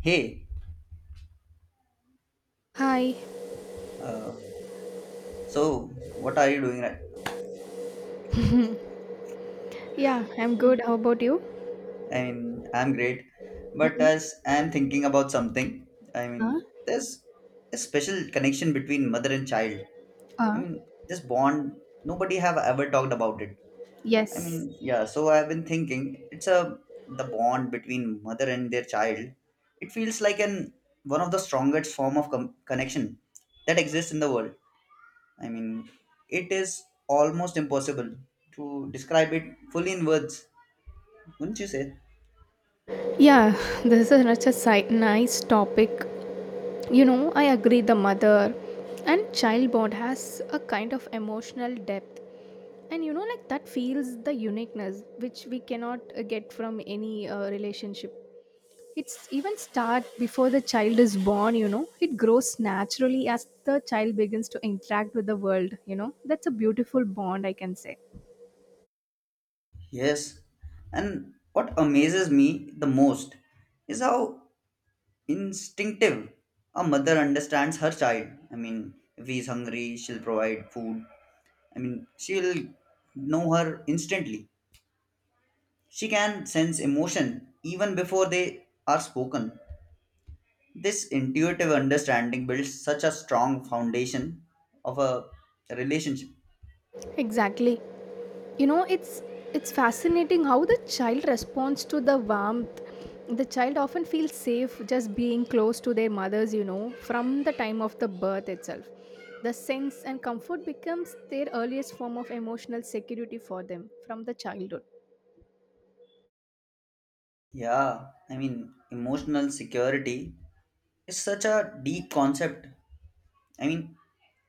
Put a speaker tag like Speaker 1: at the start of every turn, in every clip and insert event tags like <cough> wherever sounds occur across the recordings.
Speaker 1: Hey,
Speaker 2: Hi.
Speaker 1: uh, so what are you doing right now?
Speaker 2: <laughs> Yeah, I'm good. How about you?
Speaker 1: I mean, I'm great, but
Speaker 2: Mm-mm.
Speaker 1: as I'm thinking about something,
Speaker 2: Huh?
Speaker 1: there's a special connection between mother and child. I
Speaker 2: Uh,
Speaker 1: mean, this bond, nobody have ever talked about it. I
Speaker 2: yes.
Speaker 1: mean, yeah, so I've been thinking it's a the bond between mother and their child. It feels like an one of the strongest form of connection that exists in the world. I mean, it is almost impossible to describe it fully in words, wouldn't you say?
Speaker 2: Yeah, <laughs> this is such a nice topic. You know, I agree the mother and child bond has a kind of emotional depth. And you know, like that feels the uniqueness which we cannot get from any relationship. It's even start before the child is born, you know. It grows naturally as the child begins to interact with the world, you know. That's a beautiful bond, I can say.
Speaker 1: Yes. And what amazes me the most is how instinctive a mother understands her child. I mean, if he's hungry, she'll provide food. I mean, she'll know her instantly. She can sense emotion even before they are spoken. This intuitive understanding builds such a strong foundation of a relationship.
Speaker 2: Exactly. You know, it's fascinating how the child responds to the warmth. The child often feels safe just being close to their mothers, you know, from the time of the birth itself. The sense and comfort becomes their earliest form of emotional security for them from the childhood.
Speaker 1: Yeah, I mean, emotional security is such a deep concept. I mean,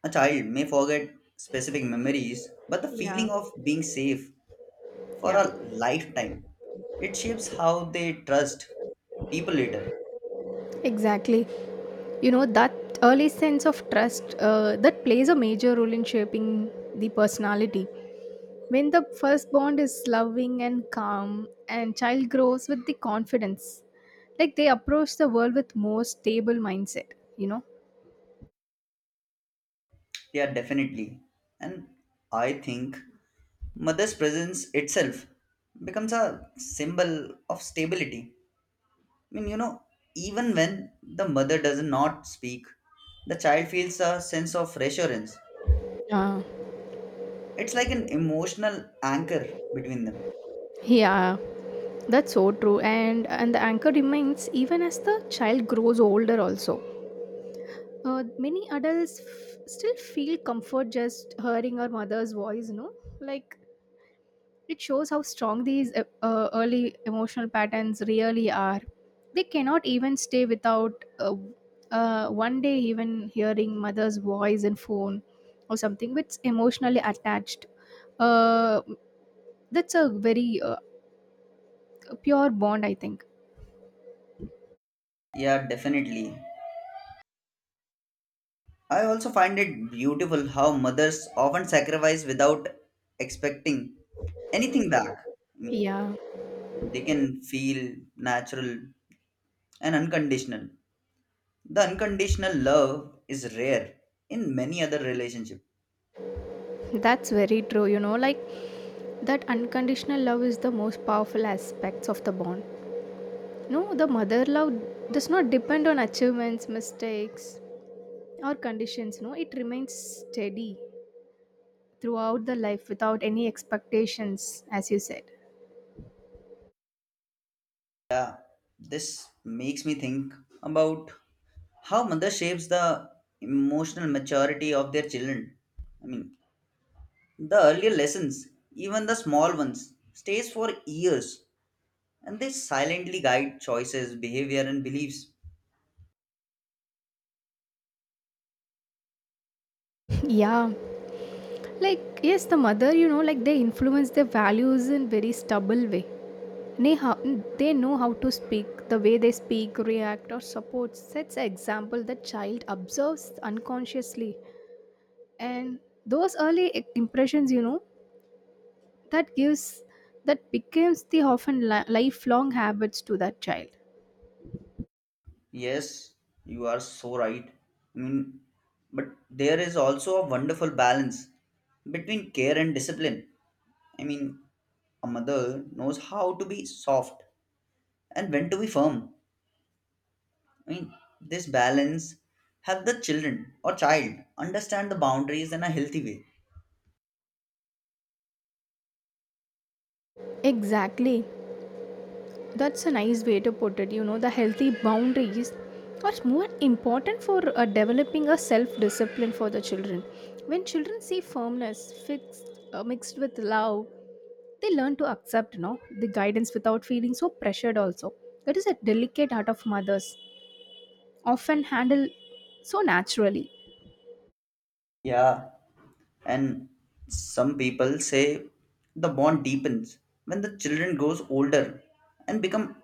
Speaker 1: a child may forget specific memories, but the
Speaker 2: Yeah,
Speaker 1: feeling of being safe for
Speaker 2: yeah,
Speaker 1: a lifetime, it shapes how they trust people later.
Speaker 2: exactly. You know, that early sense of trust that plays a major role in shaping the personality. When the first bond is loving and calm, and child grows with the confidence, like they approach the world with more stable mindset. You know.
Speaker 1: Yeah, definitely. And I think mother's presence itself becomes a symbol of stability. I mean, you know, Even when the mother does not speak, the child feels a sense of reassurance.
Speaker 2: Yeah.
Speaker 1: It's like an emotional anchor between them.
Speaker 2: Yeah. That's so true. And the anchor remains even as the child grows older. Also, many adults still feel comfort just hearing our mother's voice. You know, like it shows how strong these early emotional patterns really are. They cannot even stay without one day even hearing mother's voice and phone or something which emotionally attached. Uh, that's a very pure bond, I think.
Speaker 1: Yeah, definitely. I also find it beautiful how mothers often sacrifice without expecting anything back. I mean,
Speaker 2: Yeah,
Speaker 1: they can feel natural and unconditional. The unconditional love is rare in many other relationships.
Speaker 2: that's very true. You know, like that unconditional love is the most powerful aspects of the bond. No, the mother love does not depend on achievements, mistakes, or conditions. No, it remains steady throughout the life without any expectations, as you said.
Speaker 1: This makes me think about how mother shapes the emotional maturity of their children. I mean, the earlier lessons, even the small ones, stays for years, and they silently guide choices, behavior and beliefs.
Speaker 2: Yeah, like yes, the mother, you know, like they influence their values in very stubble way. they, how, they know how to speak, the way they speak, react or support, sets an example that child observes unconsciously. And those early impressions, you know, that gives that becomes the often lifelong habits to that child.
Speaker 1: Yes, you are so right. I mean, but there is also a wonderful balance between care and discipline. I mean, a mother knows how to be soft and when to be firm. I mean, this balance help the children or child understand the boundaries in a healthy way.
Speaker 2: Exactly. That's a nice way to put it. You know, the healthy boundaries are more important for developing a self discipline for the children. When children see firmness mixed with love, they learn to accept, you know, the guidance without feeling so pressured, also. That is a delicate art of mothers, often handled so naturally.
Speaker 1: Yeah, and some people say the bond deepens when the children grows older and become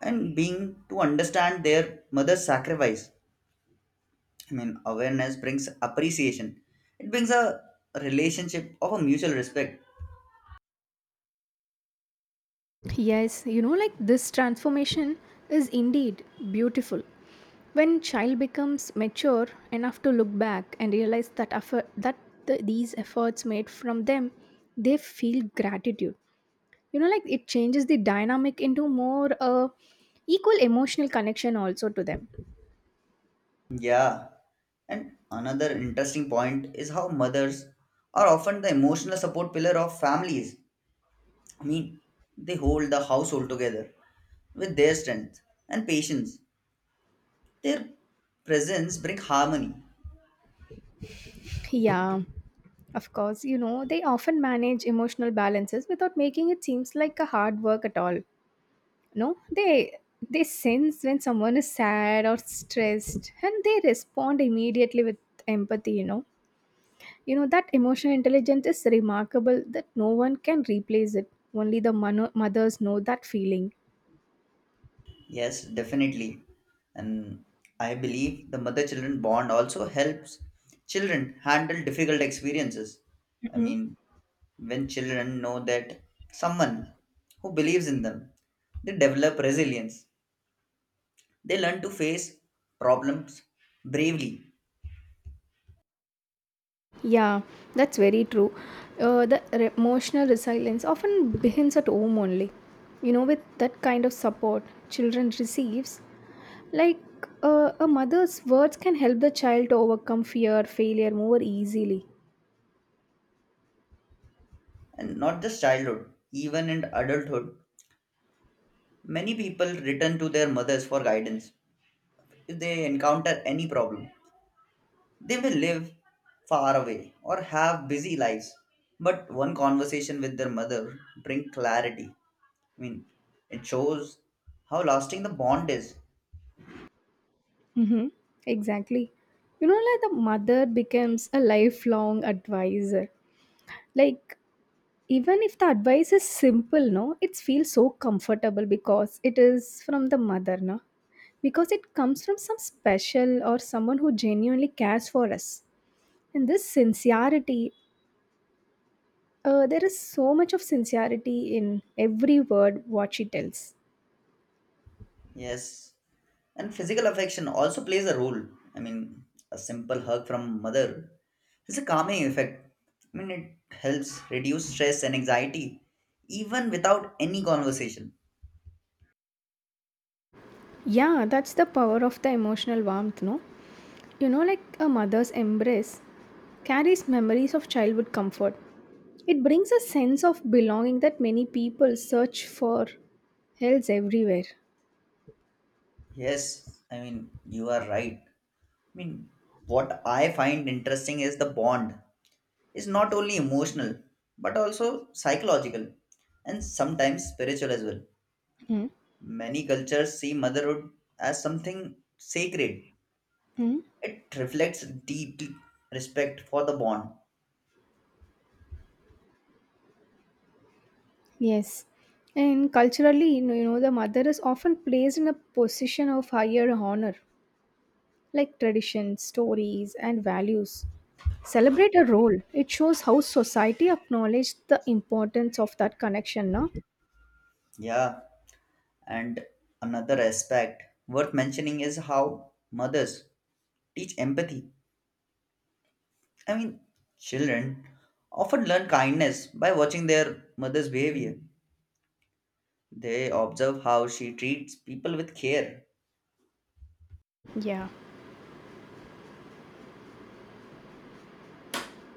Speaker 1: and being to understand their mother's sacrifice. I mean, awareness brings appreciation. It brings a relationship of a mutual respect.
Speaker 2: Yes, you know, like this transformation is indeed beautiful. When child becomes mature enough to look back and realize that effort, these efforts made from them, they feel gratitude. You know, like it changes the dynamic into more equal emotional connection also to them.
Speaker 1: Yeah, and another interesting point is how mothers are often the emotional support pillar of families. I mean, they hold the household together with their strength and patience. Their presence bring harmony.
Speaker 2: Yeah, of course. You know, they often manage emotional balances without making it seems like a hard work at all. No, they sense when someone is sad or stressed and they respond immediately with empathy, you know. You know that emotional intelligence is remarkable, that no one can replace it. Only the mothers know that feeling.
Speaker 1: Yes, definitely. And I believe the mother children bond also helps children handle difficult experiences. I
Speaker 2: Mhm.
Speaker 1: mean, when children know that someone who believes in them, they develop resilience. They learn to face problems bravely.
Speaker 2: Yeah, that's very true. Emotional resilience often begins at home only, you know. With that kind of support children receives, like a mother's words can help the child to overcome fear failure more easily.
Speaker 1: And not just childhood, even in adulthood. Many people return to their mothers for guidance if they encounter any problem. They may live far away or have busy lives, but one conversation with their mother bring clarity. I mean, it shows how lasting the bond is.
Speaker 2: Mm-hmm. Exactly. You know, like the mother becomes a lifelong advisor. Like, even if the advice is simple, no, it feels so comfortable because it is from the mother, no? Because it comes from some special or someone who genuinely cares for us. And this sincerity, there is so much of sincerity in every word what she tells.
Speaker 1: Yes, and physical affection also plays a role. I mean, a simple hug from mother has a calming effect. I mean, it helps reduce stress and anxiety, even without any conversation.
Speaker 2: Yeah, that's the power of the emotional warmth, no? You know, like a mother's embrace carries memories of childhood comfort. It brings a sense of belonging that many people search for else everywhere.
Speaker 1: Yes, I mean, you are right. I mean, what I find interesting is the bond is not only emotional but also psychological and sometimes spiritual as well.
Speaker 2: Hmm.
Speaker 1: Many cultures see motherhood as something sacred.
Speaker 2: Hmm.
Speaker 1: It reflects deep respect for the bond.
Speaker 2: Yes. And culturally, you know, the mother is often placed in a position of higher honor, like traditions, stories, and values. Celebrate a role. It shows how society acknowledged the importance of that connection, no?
Speaker 1: Yeah, and another aspect worth mentioning is how mothers teach empathy. I mean, children often learn kindness by watching their mother's behavior. They observe how she treats people with care.
Speaker 2: Yeah.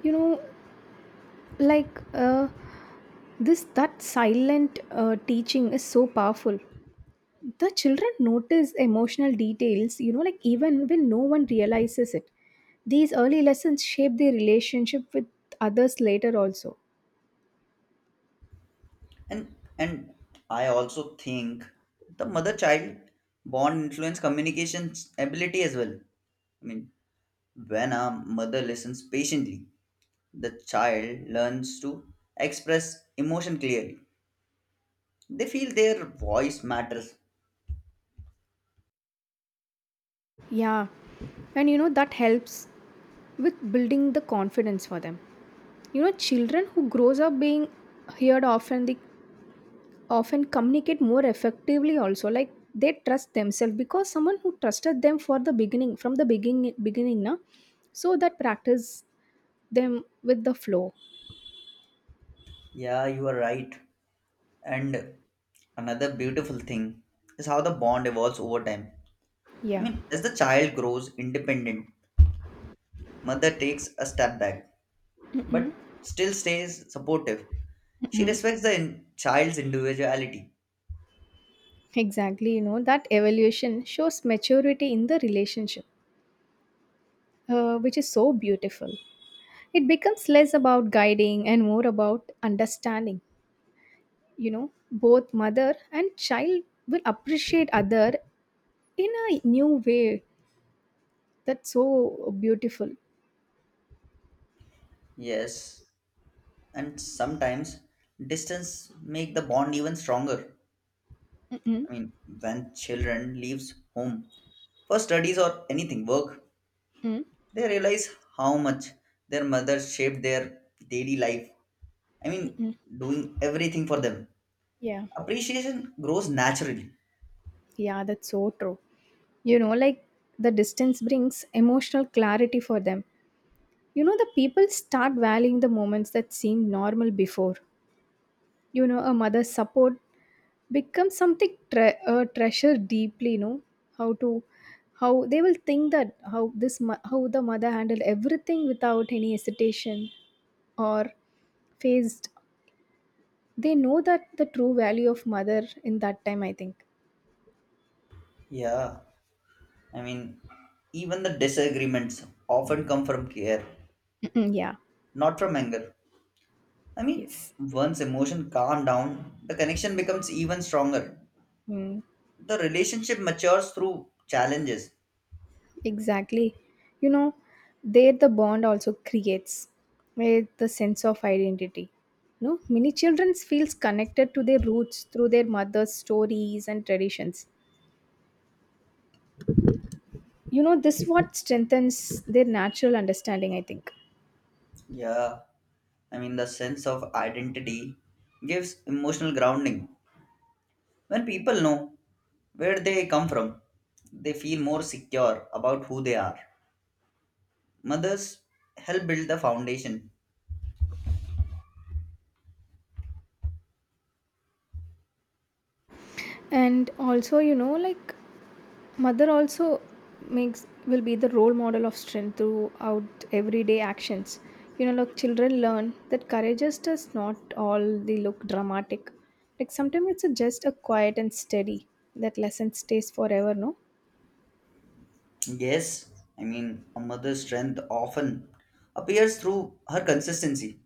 Speaker 2: You know, like This that silent teaching is so powerful. The children notice emotional details, you know, like even when no one realizes it. These early lessons shape their relationship with others later also.
Speaker 1: And I also think the mother child bond influence communication ability as well. I mean, when a mother listens patiently, the child learns to express emotion clearly. They feel their voice matters.
Speaker 2: Yeah. And you know that helps with building the confidence for them. You know, children who grows up being heard often communicate more effectively also, like they trust themselves because someone who trusted them for the beginning, from the beginning, na. So that practice them with the flow.
Speaker 1: Yeah, you are right. And another beautiful thing is how the bond evolves over time. I
Speaker 2: Yeah,
Speaker 1: mean, as the child grows independent, mother takes a step back, but still stays supportive. She respects the child's individuality.
Speaker 2: exactly. You know that evaluation shows maturity in the relationship, which is so beautiful. It becomes less about guiding and more about understanding. You know, both mother and child will appreciate other in a new way. That's so beautiful.
Speaker 1: Yes, and sometimes distance make the bond even stronger.
Speaker 2: Mm-mm.
Speaker 1: I mean, when children leaves home for studies or anything work,
Speaker 2: Mm,
Speaker 1: they realize how much their mother shaped their daily life. I mean,
Speaker 2: mm-mm.
Speaker 1: doing everything for them.
Speaker 2: Yeah,
Speaker 1: Appreciation grows naturally.
Speaker 2: yeah, that's so true. You know, like the distance brings emotional clarity for them. You know, the people start valuing the moments that seemed normal before. You know, a mother's support becomes something treasured deeply. How to, how they will think that, how this how the mother handled everything without any hesitation or phased. They know that the true value of mother in that time. I think.
Speaker 1: Yeah, I mean, even the disagreements often come from care,
Speaker 2: Mm-mm, yeah.
Speaker 1: not from anger. I mean,
Speaker 2: Yes.
Speaker 1: once emotion calm down, the connection becomes even stronger.
Speaker 2: Mm,
Speaker 1: The relationship matures through challenges.
Speaker 2: exactly. You know, there the bond also creates with the sense of identity. You know, many children feels connected to their roots through their mother's stories and traditions. You know, this what strengthens their natural understanding, I think.
Speaker 1: Yeah, I mean, the sense of identity gives emotional grounding. When people know where they come from, they feel more secure about who they are. Mothers help build the foundation.
Speaker 2: And also, you know, like mother also makes will be the role model of strength throughout everyday actions. You know, like children learn that courage is just not all they look dramatic. Like sometimes it's a, just a quiet and steady. That lesson stays forever, no?
Speaker 1: Yes, I mean, a mother's strength often appears through her consistency.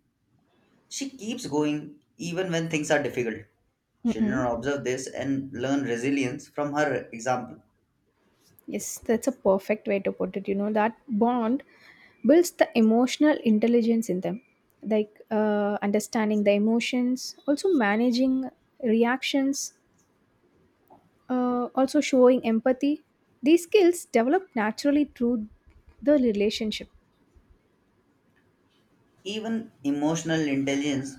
Speaker 1: She keeps going even when things are difficult.
Speaker 2: Mm-mm.
Speaker 1: Children observe this and learn resilience from her example.
Speaker 2: Yes, that's a perfect way to put it. You know, that bond builds the emotional intelligence in them, like understanding the emotions, also managing reactions, also showing empathy. These skills develop naturally through the relationship.
Speaker 1: Even emotional intelligence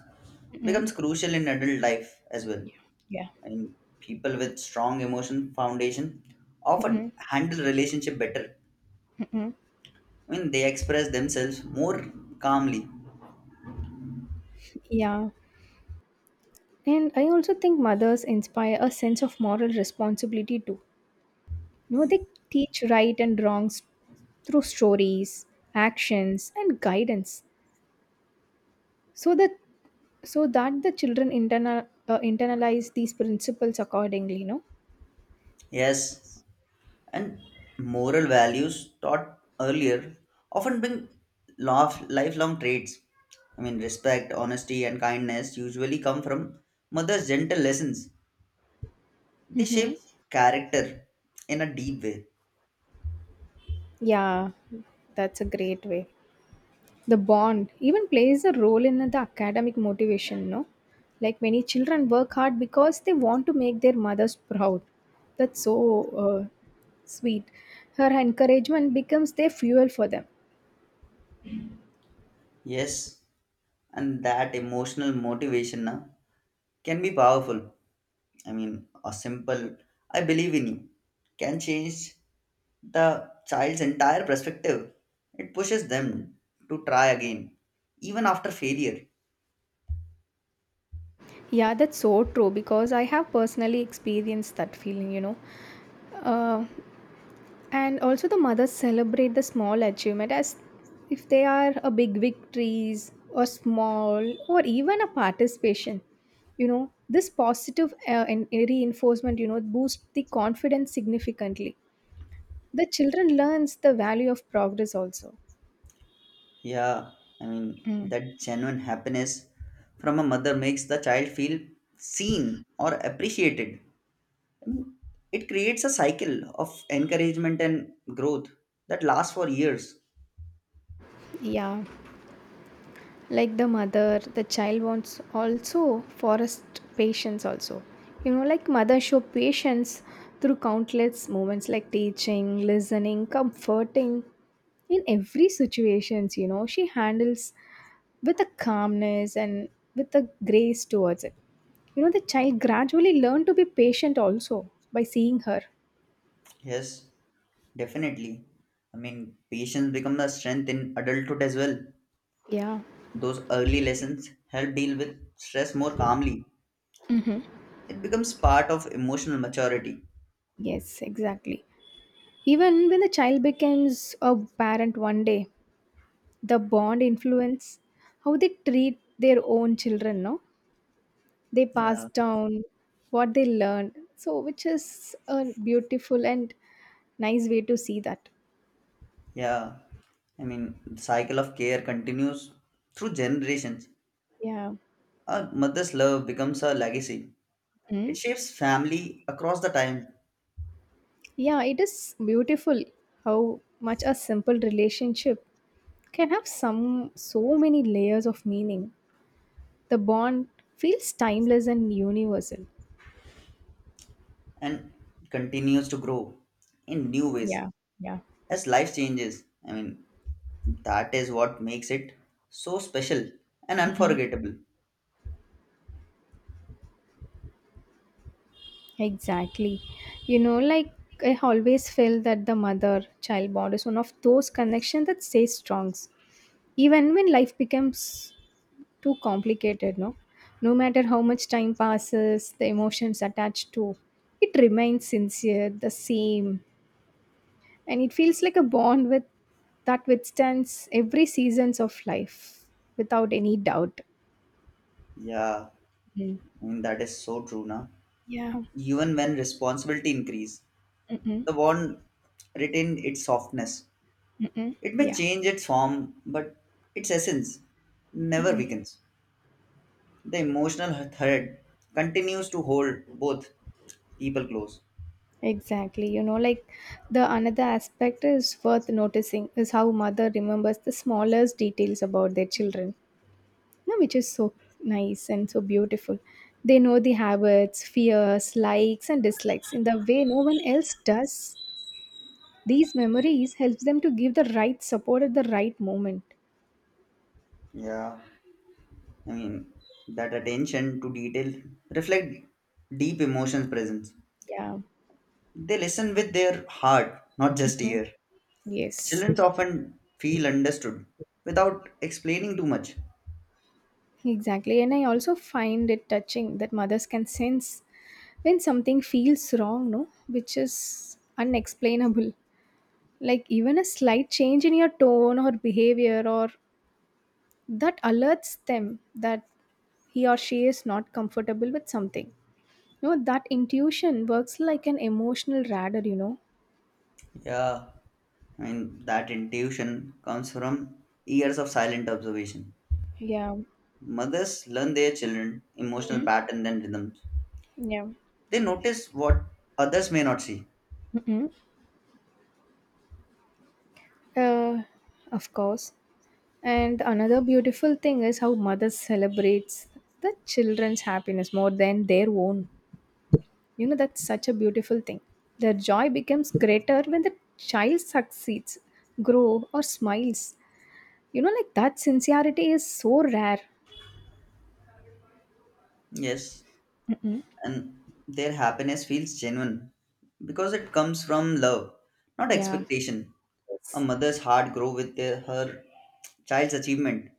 Speaker 2: Mm-mm.
Speaker 1: becomes crucial in adult life as well.
Speaker 2: Yeah.
Speaker 1: And people with strong emotion foundation often
Speaker 2: Mm-mm.
Speaker 1: handle relationship better.
Speaker 2: Mm-mm.
Speaker 1: I mean, they express themselves more calmly.
Speaker 2: Yeah. And I also think mothers inspire a sense of moral responsibility too. You know, they teach right and wrongs through stories, actions, and guidance. So that so that the children internalize these principles accordingly, you know.
Speaker 1: Yes, and moral values taught earlier often bring lifelong traits. I mean, respect, honesty, and kindness usually come from mother's gentle lessons. They shape character in a deep way.
Speaker 2: Yeah, that's a great way. The bond even plays a role in the academic motivation, no? Like many children work hard because they want to make their mothers proud. That's so uh, sweet. Her encouragement becomes their fuel for them.
Speaker 1: Yes, and that emotional motivation na, can be powerful. I mean, a simple "I believe in you" can change the child's entire perspective. It pushes them to try again, even after failure.
Speaker 2: Yeah, that's so true because I have personally experienced that feeling, you know. Uh, And also, the mothers celebrate the small achievement as if they are a big victories or small or even a participation. You know, this positive and reinforcement, you know, boosts the confidence significantly. The children learns the value of progress also.
Speaker 1: Yeah, I mean,
Speaker 2: Mm.
Speaker 1: that genuine happiness from a mother makes the child feel seen or appreciated. I mean, it creates a cycle of encouragement and growth that lasts for years.
Speaker 2: Yeah. Like the mother the child wants also forest patience also, you know. Like mother show patience through countless moments, like teaching, listening, comforting. In every situations, you know, she handles with a calmness and with a grace towards it. You know, the child gradually learn to be patient also by seeing her.
Speaker 1: Yes, definitely. I mean, patience becomes a strength in adulthood as well.
Speaker 2: Yeah,
Speaker 1: Those early lessons help deal with stress more calmly. It becomes part of emotional maturity.
Speaker 2: yes, exactly. Even when the child becomes a parent one day, the bond influence how they treat their own children, no? They pass
Speaker 1: Yeah,
Speaker 2: down what they learn, so which is a beautiful and nice way to see that.
Speaker 1: yeah. I mean, the cycle of care continues through generations.
Speaker 2: Yeah.
Speaker 1: A mother's love becomes a legacy.
Speaker 2: Mm.
Speaker 1: It shapes family across the time
Speaker 2: Yeah, it is beautiful how much a simple relationship can have some so many layers of meaning. The bond feels timeless and universal.
Speaker 1: and continues to grow in new ways
Speaker 2: Yeah. Yeah.
Speaker 1: as life changes. I mean, that is what makes it so special and
Speaker 2: Mm-mm.
Speaker 1: unforgettable.
Speaker 2: Exactly. You know, like I always feel that the mother child bond is one of those connections that stays strong. Even when life becomes too complicated, no? No matter how much time passes, the emotions attached to it remains sincere, the same. And it feels like a bond with that withstands every seasons of life without any doubt.
Speaker 1: Yeah,
Speaker 2: Mm.
Speaker 1: I mean, that is so true now.
Speaker 2: Yeah.
Speaker 1: Even when responsibility increase,
Speaker 2: Mm-mm.
Speaker 1: the bond retain its softness.
Speaker 2: Mm-mm.
Speaker 1: It may
Speaker 2: Yeah.
Speaker 1: change its form, but its essence never
Speaker 2: Mm-mm.
Speaker 1: weakens. The emotional thread continues to hold both people close.
Speaker 2: Exactly. You know, like the another aspect is worth noticing is how mother remembers the smallest details about their children, you know, which is so nice and so beautiful. They know the habits, fears, likes, and dislikes in the way no one else does. These memories helps them to give the right support at the right moment.
Speaker 1: Yeah, I mean, that attention to detail reflect deep emotions presence.
Speaker 2: Yeah.
Speaker 1: They listen with their heart, not just
Speaker 2: Mhm.
Speaker 1: ear.
Speaker 2: Yes.
Speaker 1: Children often feel understood without explaining too much.
Speaker 2: Exactly. And I also find it touching that mothers can sense when something feels wrong, no, which is unexplainable. Like even a slight change in your tone or behavior, or that alerts them that he or she is not comfortable with something, no. That intuition works like an emotional radar, you know.
Speaker 1: Yeah, I mean, that intuition comes from years of silent observation.
Speaker 2: Yeah.
Speaker 1: Mothers learn their children emotional
Speaker 2: Hmm.
Speaker 1: pattern and rhythms.
Speaker 2: Yeah.
Speaker 1: They notice what others may not see.
Speaker 2: Hmm. uh, of course. And another beautiful thing is how mothers celebrates the children's happiness more than their own. You know, that's such a beautiful thing. Their joy becomes greater when the child succeeds, grow, or smiles. You know, like that sincerity is so rare.
Speaker 1: Yes, and their happiness feels genuine because it comes from love, not
Speaker 2: Yeah.
Speaker 1: expectation. A
Speaker 2: Yes.
Speaker 1: mother's heart grows with her child's achievement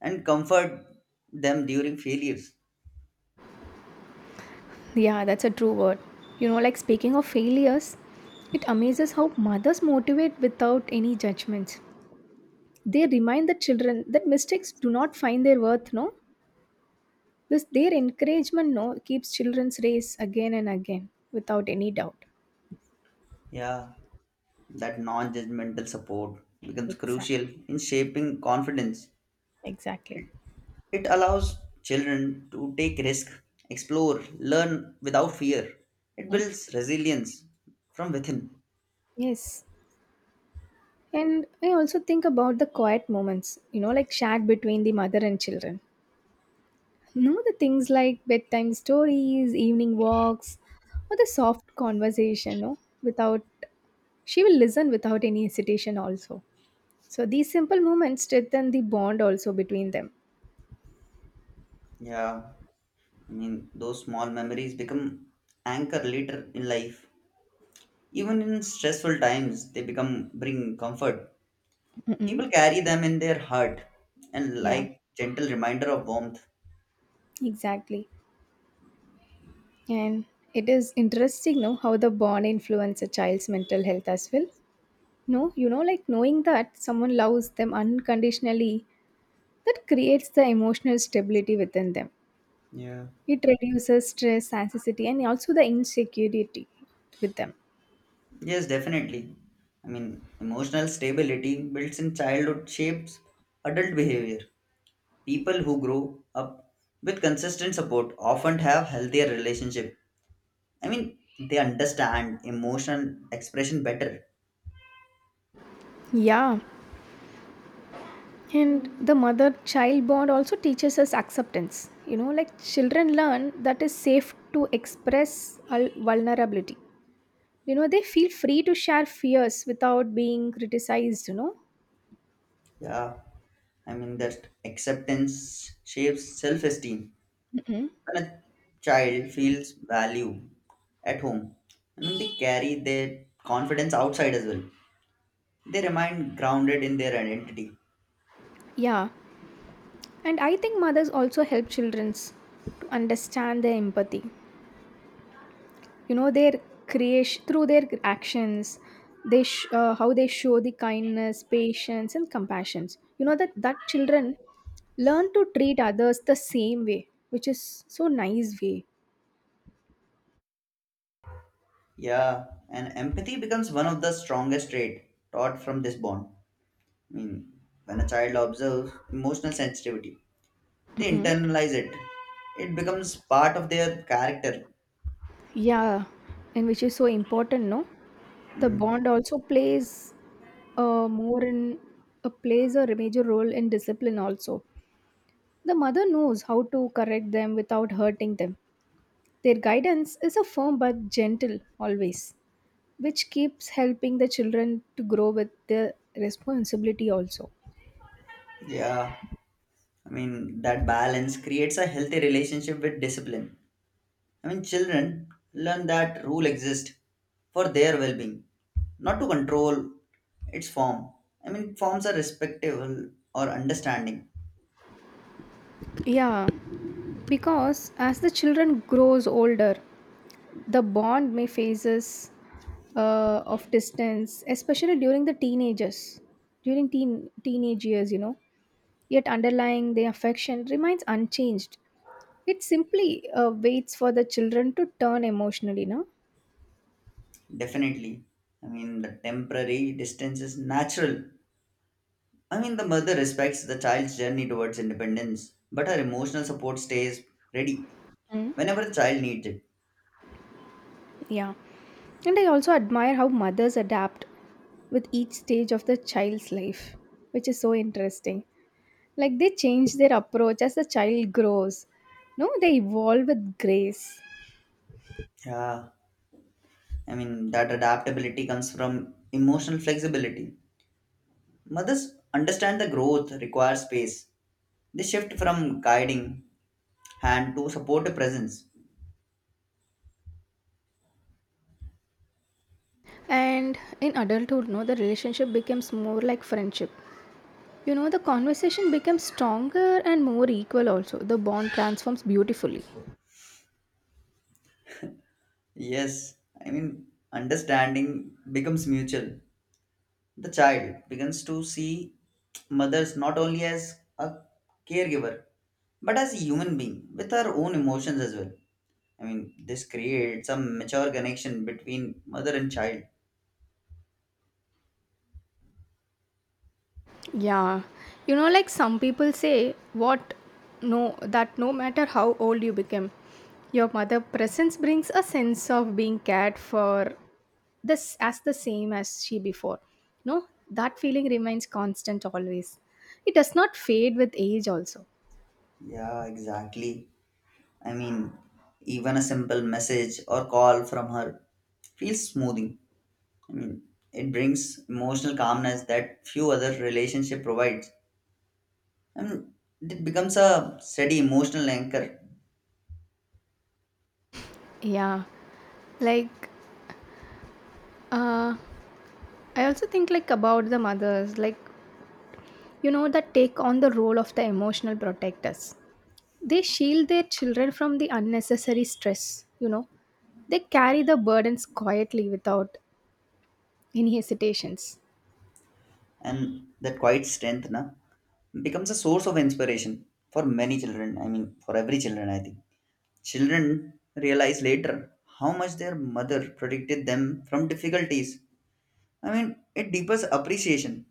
Speaker 1: and comfort them during failures.
Speaker 2: Yeah, that's a true word. You know, like speaking of failures, it amazes how mothers motivate without any judgments. They remind the children that mistakes do not find their worth, no? This their encouragement no keeps children's race again and again without any doubt.
Speaker 1: Yeah, that non-judgmental support becomes crucial
Speaker 2: Exactly.
Speaker 1: in shaping confidence.
Speaker 2: Exactly.
Speaker 1: It, it allows children to take risk, explore, learn without fear. It
Speaker 2: Hmm?
Speaker 1: builds resilience from within.
Speaker 2: Yes. And I also think about the quiet moments, you know, like shared between the mother and children. You know, the things like bedtime stories, evening walks, or the soft conversation, no? Without, she will listen without any hesitation also. So these simple moments strengthen the bond also between them.
Speaker 1: Yeah. I mean, those small memories become anchor later in life. Even in stressful times, they become bring comfort.
Speaker 2: Mm-mm.
Speaker 1: People carry them in their heart and
Speaker 2: Yeah,
Speaker 1: like gentle reminder of warmth.
Speaker 2: exactly. And it is interesting, no, how the bond influence a child's mental health as well. No, you know, like knowing that someone loves them unconditionally, that creates the emotional stability within them.
Speaker 1: Yeah.
Speaker 2: It reduces stress, anxiety, and also the insecurity with them.
Speaker 1: Yes, definitely. I mean, emotional stability builds in childhood shapes adult behavior. People who grow up with consistent support often have healthier relationship. I mean, they understand emotional expression better.
Speaker 2: Yeah. And the mother child bond also teaches us acceptance. You know, like children learn that it's safe to express vulnerability. You know, they feel free to share fears without being criticized, you know.
Speaker 1: Yeah, I mean that acceptance shapes self-esteem. When a child feels value at home, and when they carry their confidence outside as well. They remain grounded in their identity.
Speaker 2: Yeah. And I think mothers also help children to understand their empathy. You know, their creation through their actions, how they show the kindness, patience, and compassion, you know, that children learn to treat others the same way, which is so nice way.
Speaker 1: Yeah, and empathy becomes one of the strongest traits taught from this bond. I mean, when a child observes emotional sensitivity, they internalize it. It becomes part of their character.
Speaker 2: Yeah, and which is so important, no? The
Speaker 1: Mm,
Speaker 2: bond also uh, more in plays a major role in discipline also. The mother knows how to correct them without hurting them. Their guidance is a firm but gentle always, which keeps helping the children to grow with the responsibility also.
Speaker 1: yeah. I mean, that balance creates a healthy relationship with discipline. I mean, children learn that rule exists for their well being, not to control its form. I mean, forms are respectable or understanding,
Speaker 2: Yeah, because as the children grows older, the bond may phases of distance, especially during the teenagers, during teenage years, you know, yet underlying the affection remains unchanged. It simply waits for the children to turn emotionally, no?
Speaker 1: definitely. I mean, the temporary distance is natural. I mean, the mother respects the child's journey towards independence, but her emotional support stays ready
Speaker 2: Hmm.
Speaker 1: whenever the child needs it.
Speaker 2: Yeah. And I also admire how mothers adapt with each stage of the child's life, which is so interesting. Like they change their approach as the child grows. No, they evolve with grace.
Speaker 1: Yeah, I mean, that adaptability comes from emotional flexibility. Mothers understand the growth requires space. They shift from guiding hand to supportive presence.
Speaker 2: And in adulthood, no, the relationship becomes more like friendship. You know, the conversation becomes stronger and more equal also. The bond transforms beautifully.
Speaker 1: Yes, I mean, understanding becomes mutual. The child begins to see mothers not only as a caregiver but as a human being with her own emotions as well. I mean, this creates a mature connection between mother and child.
Speaker 2: Yeah, you know, like some people say, what no, that no matter how old you become, your mother presence brings a sense of being cared for this as the same as she before. No, that feeling remains constant always. It does not fade with age, also.
Speaker 1: Yeah, exactly. I mean, even a simple message or call from her feels smoothing. I mean, it brings emotional calmness that few other relationship provides. I mean, it becomes a steady emotional anchor,
Speaker 2: Yeah, like uh, I also think like about the mothers, like you know, that take on the role of the emotional protectors. They shield their children from the unnecessary stress, you know. They carry the burdens quietly without any hesitations.
Speaker 1: and that quiet strength, na, becomes a source of inspiration for many children. I mean, for every children, I think. Children realize later how much their mother protected them from difficulties. I mean, it deepens appreciation.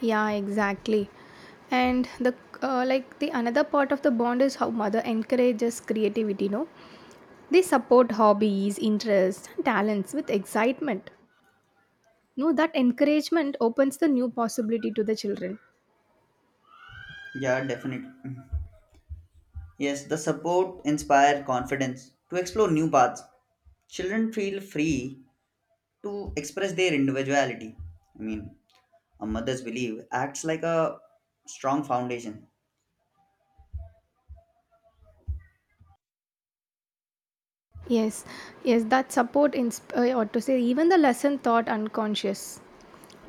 Speaker 2: Yeah, exactly. And the like the another part of the bond is how mother encourages creativity, no? They support hobbies, interests, and talents with excitement. No, that encouragement opens the new possibility to the children.
Speaker 1: Yeah, definitely. Yes, the support inspire confidence to explore new paths. Children feel free to express their individuality. I mean, a mother's belief acts like a strong foundation.
Speaker 2: Yes, yes, that support in or to say even the lesson thought unconscious,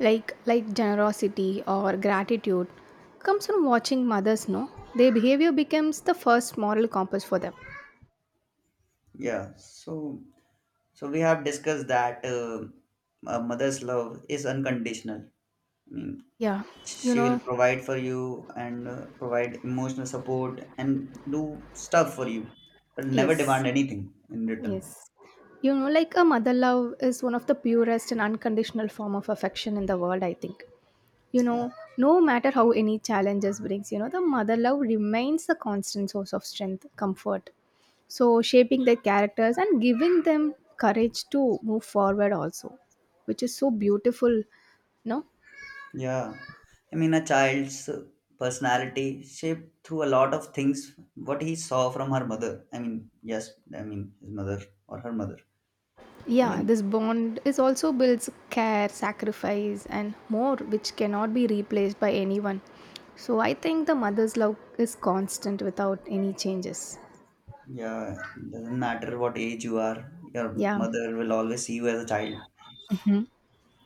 Speaker 2: like generosity or gratitude, comes from watching mothers. No, their behavior becomes the first moral compass for them.
Speaker 1: Yeah, so so we have discussed that a mother's love is unconditional. I mean,
Speaker 2: Yeah, you
Speaker 1: she will
Speaker 2: know,
Speaker 1: provide for you and provide emotional support and do stuff for you, but never
Speaker 2: yes,
Speaker 1: demand anything in return.
Speaker 2: yes, you know, like a mother love is one of the purest and unconditional form of affection in the world, I think. You
Speaker 1: Yeah.
Speaker 2: know, no matter how any challenges brings, you know, the mother love remains the constant source of strength, comfort. So, shaping their characters and giving them courage to move forward, also, which is so beautiful, no?
Speaker 1: Yeah, I mean, a child's personality shaped through a lot of things. What he saw from her mother. I mean, yes, I mean his mother or her mother. I
Speaker 2: Yeah,
Speaker 1: mean,
Speaker 2: this bond is also builds care, sacrifice, and more, which cannot be replaced by anyone. So, I think the mother's love is constant without any changes.
Speaker 1: yeah, doesn't matter what age you are, your
Speaker 2: Yeah.
Speaker 1: mother will always see you as a child.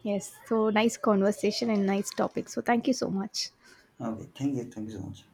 Speaker 2: Yes. So nice conversation and nice topic. So thank you so much.
Speaker 1: Okay, thank you so much.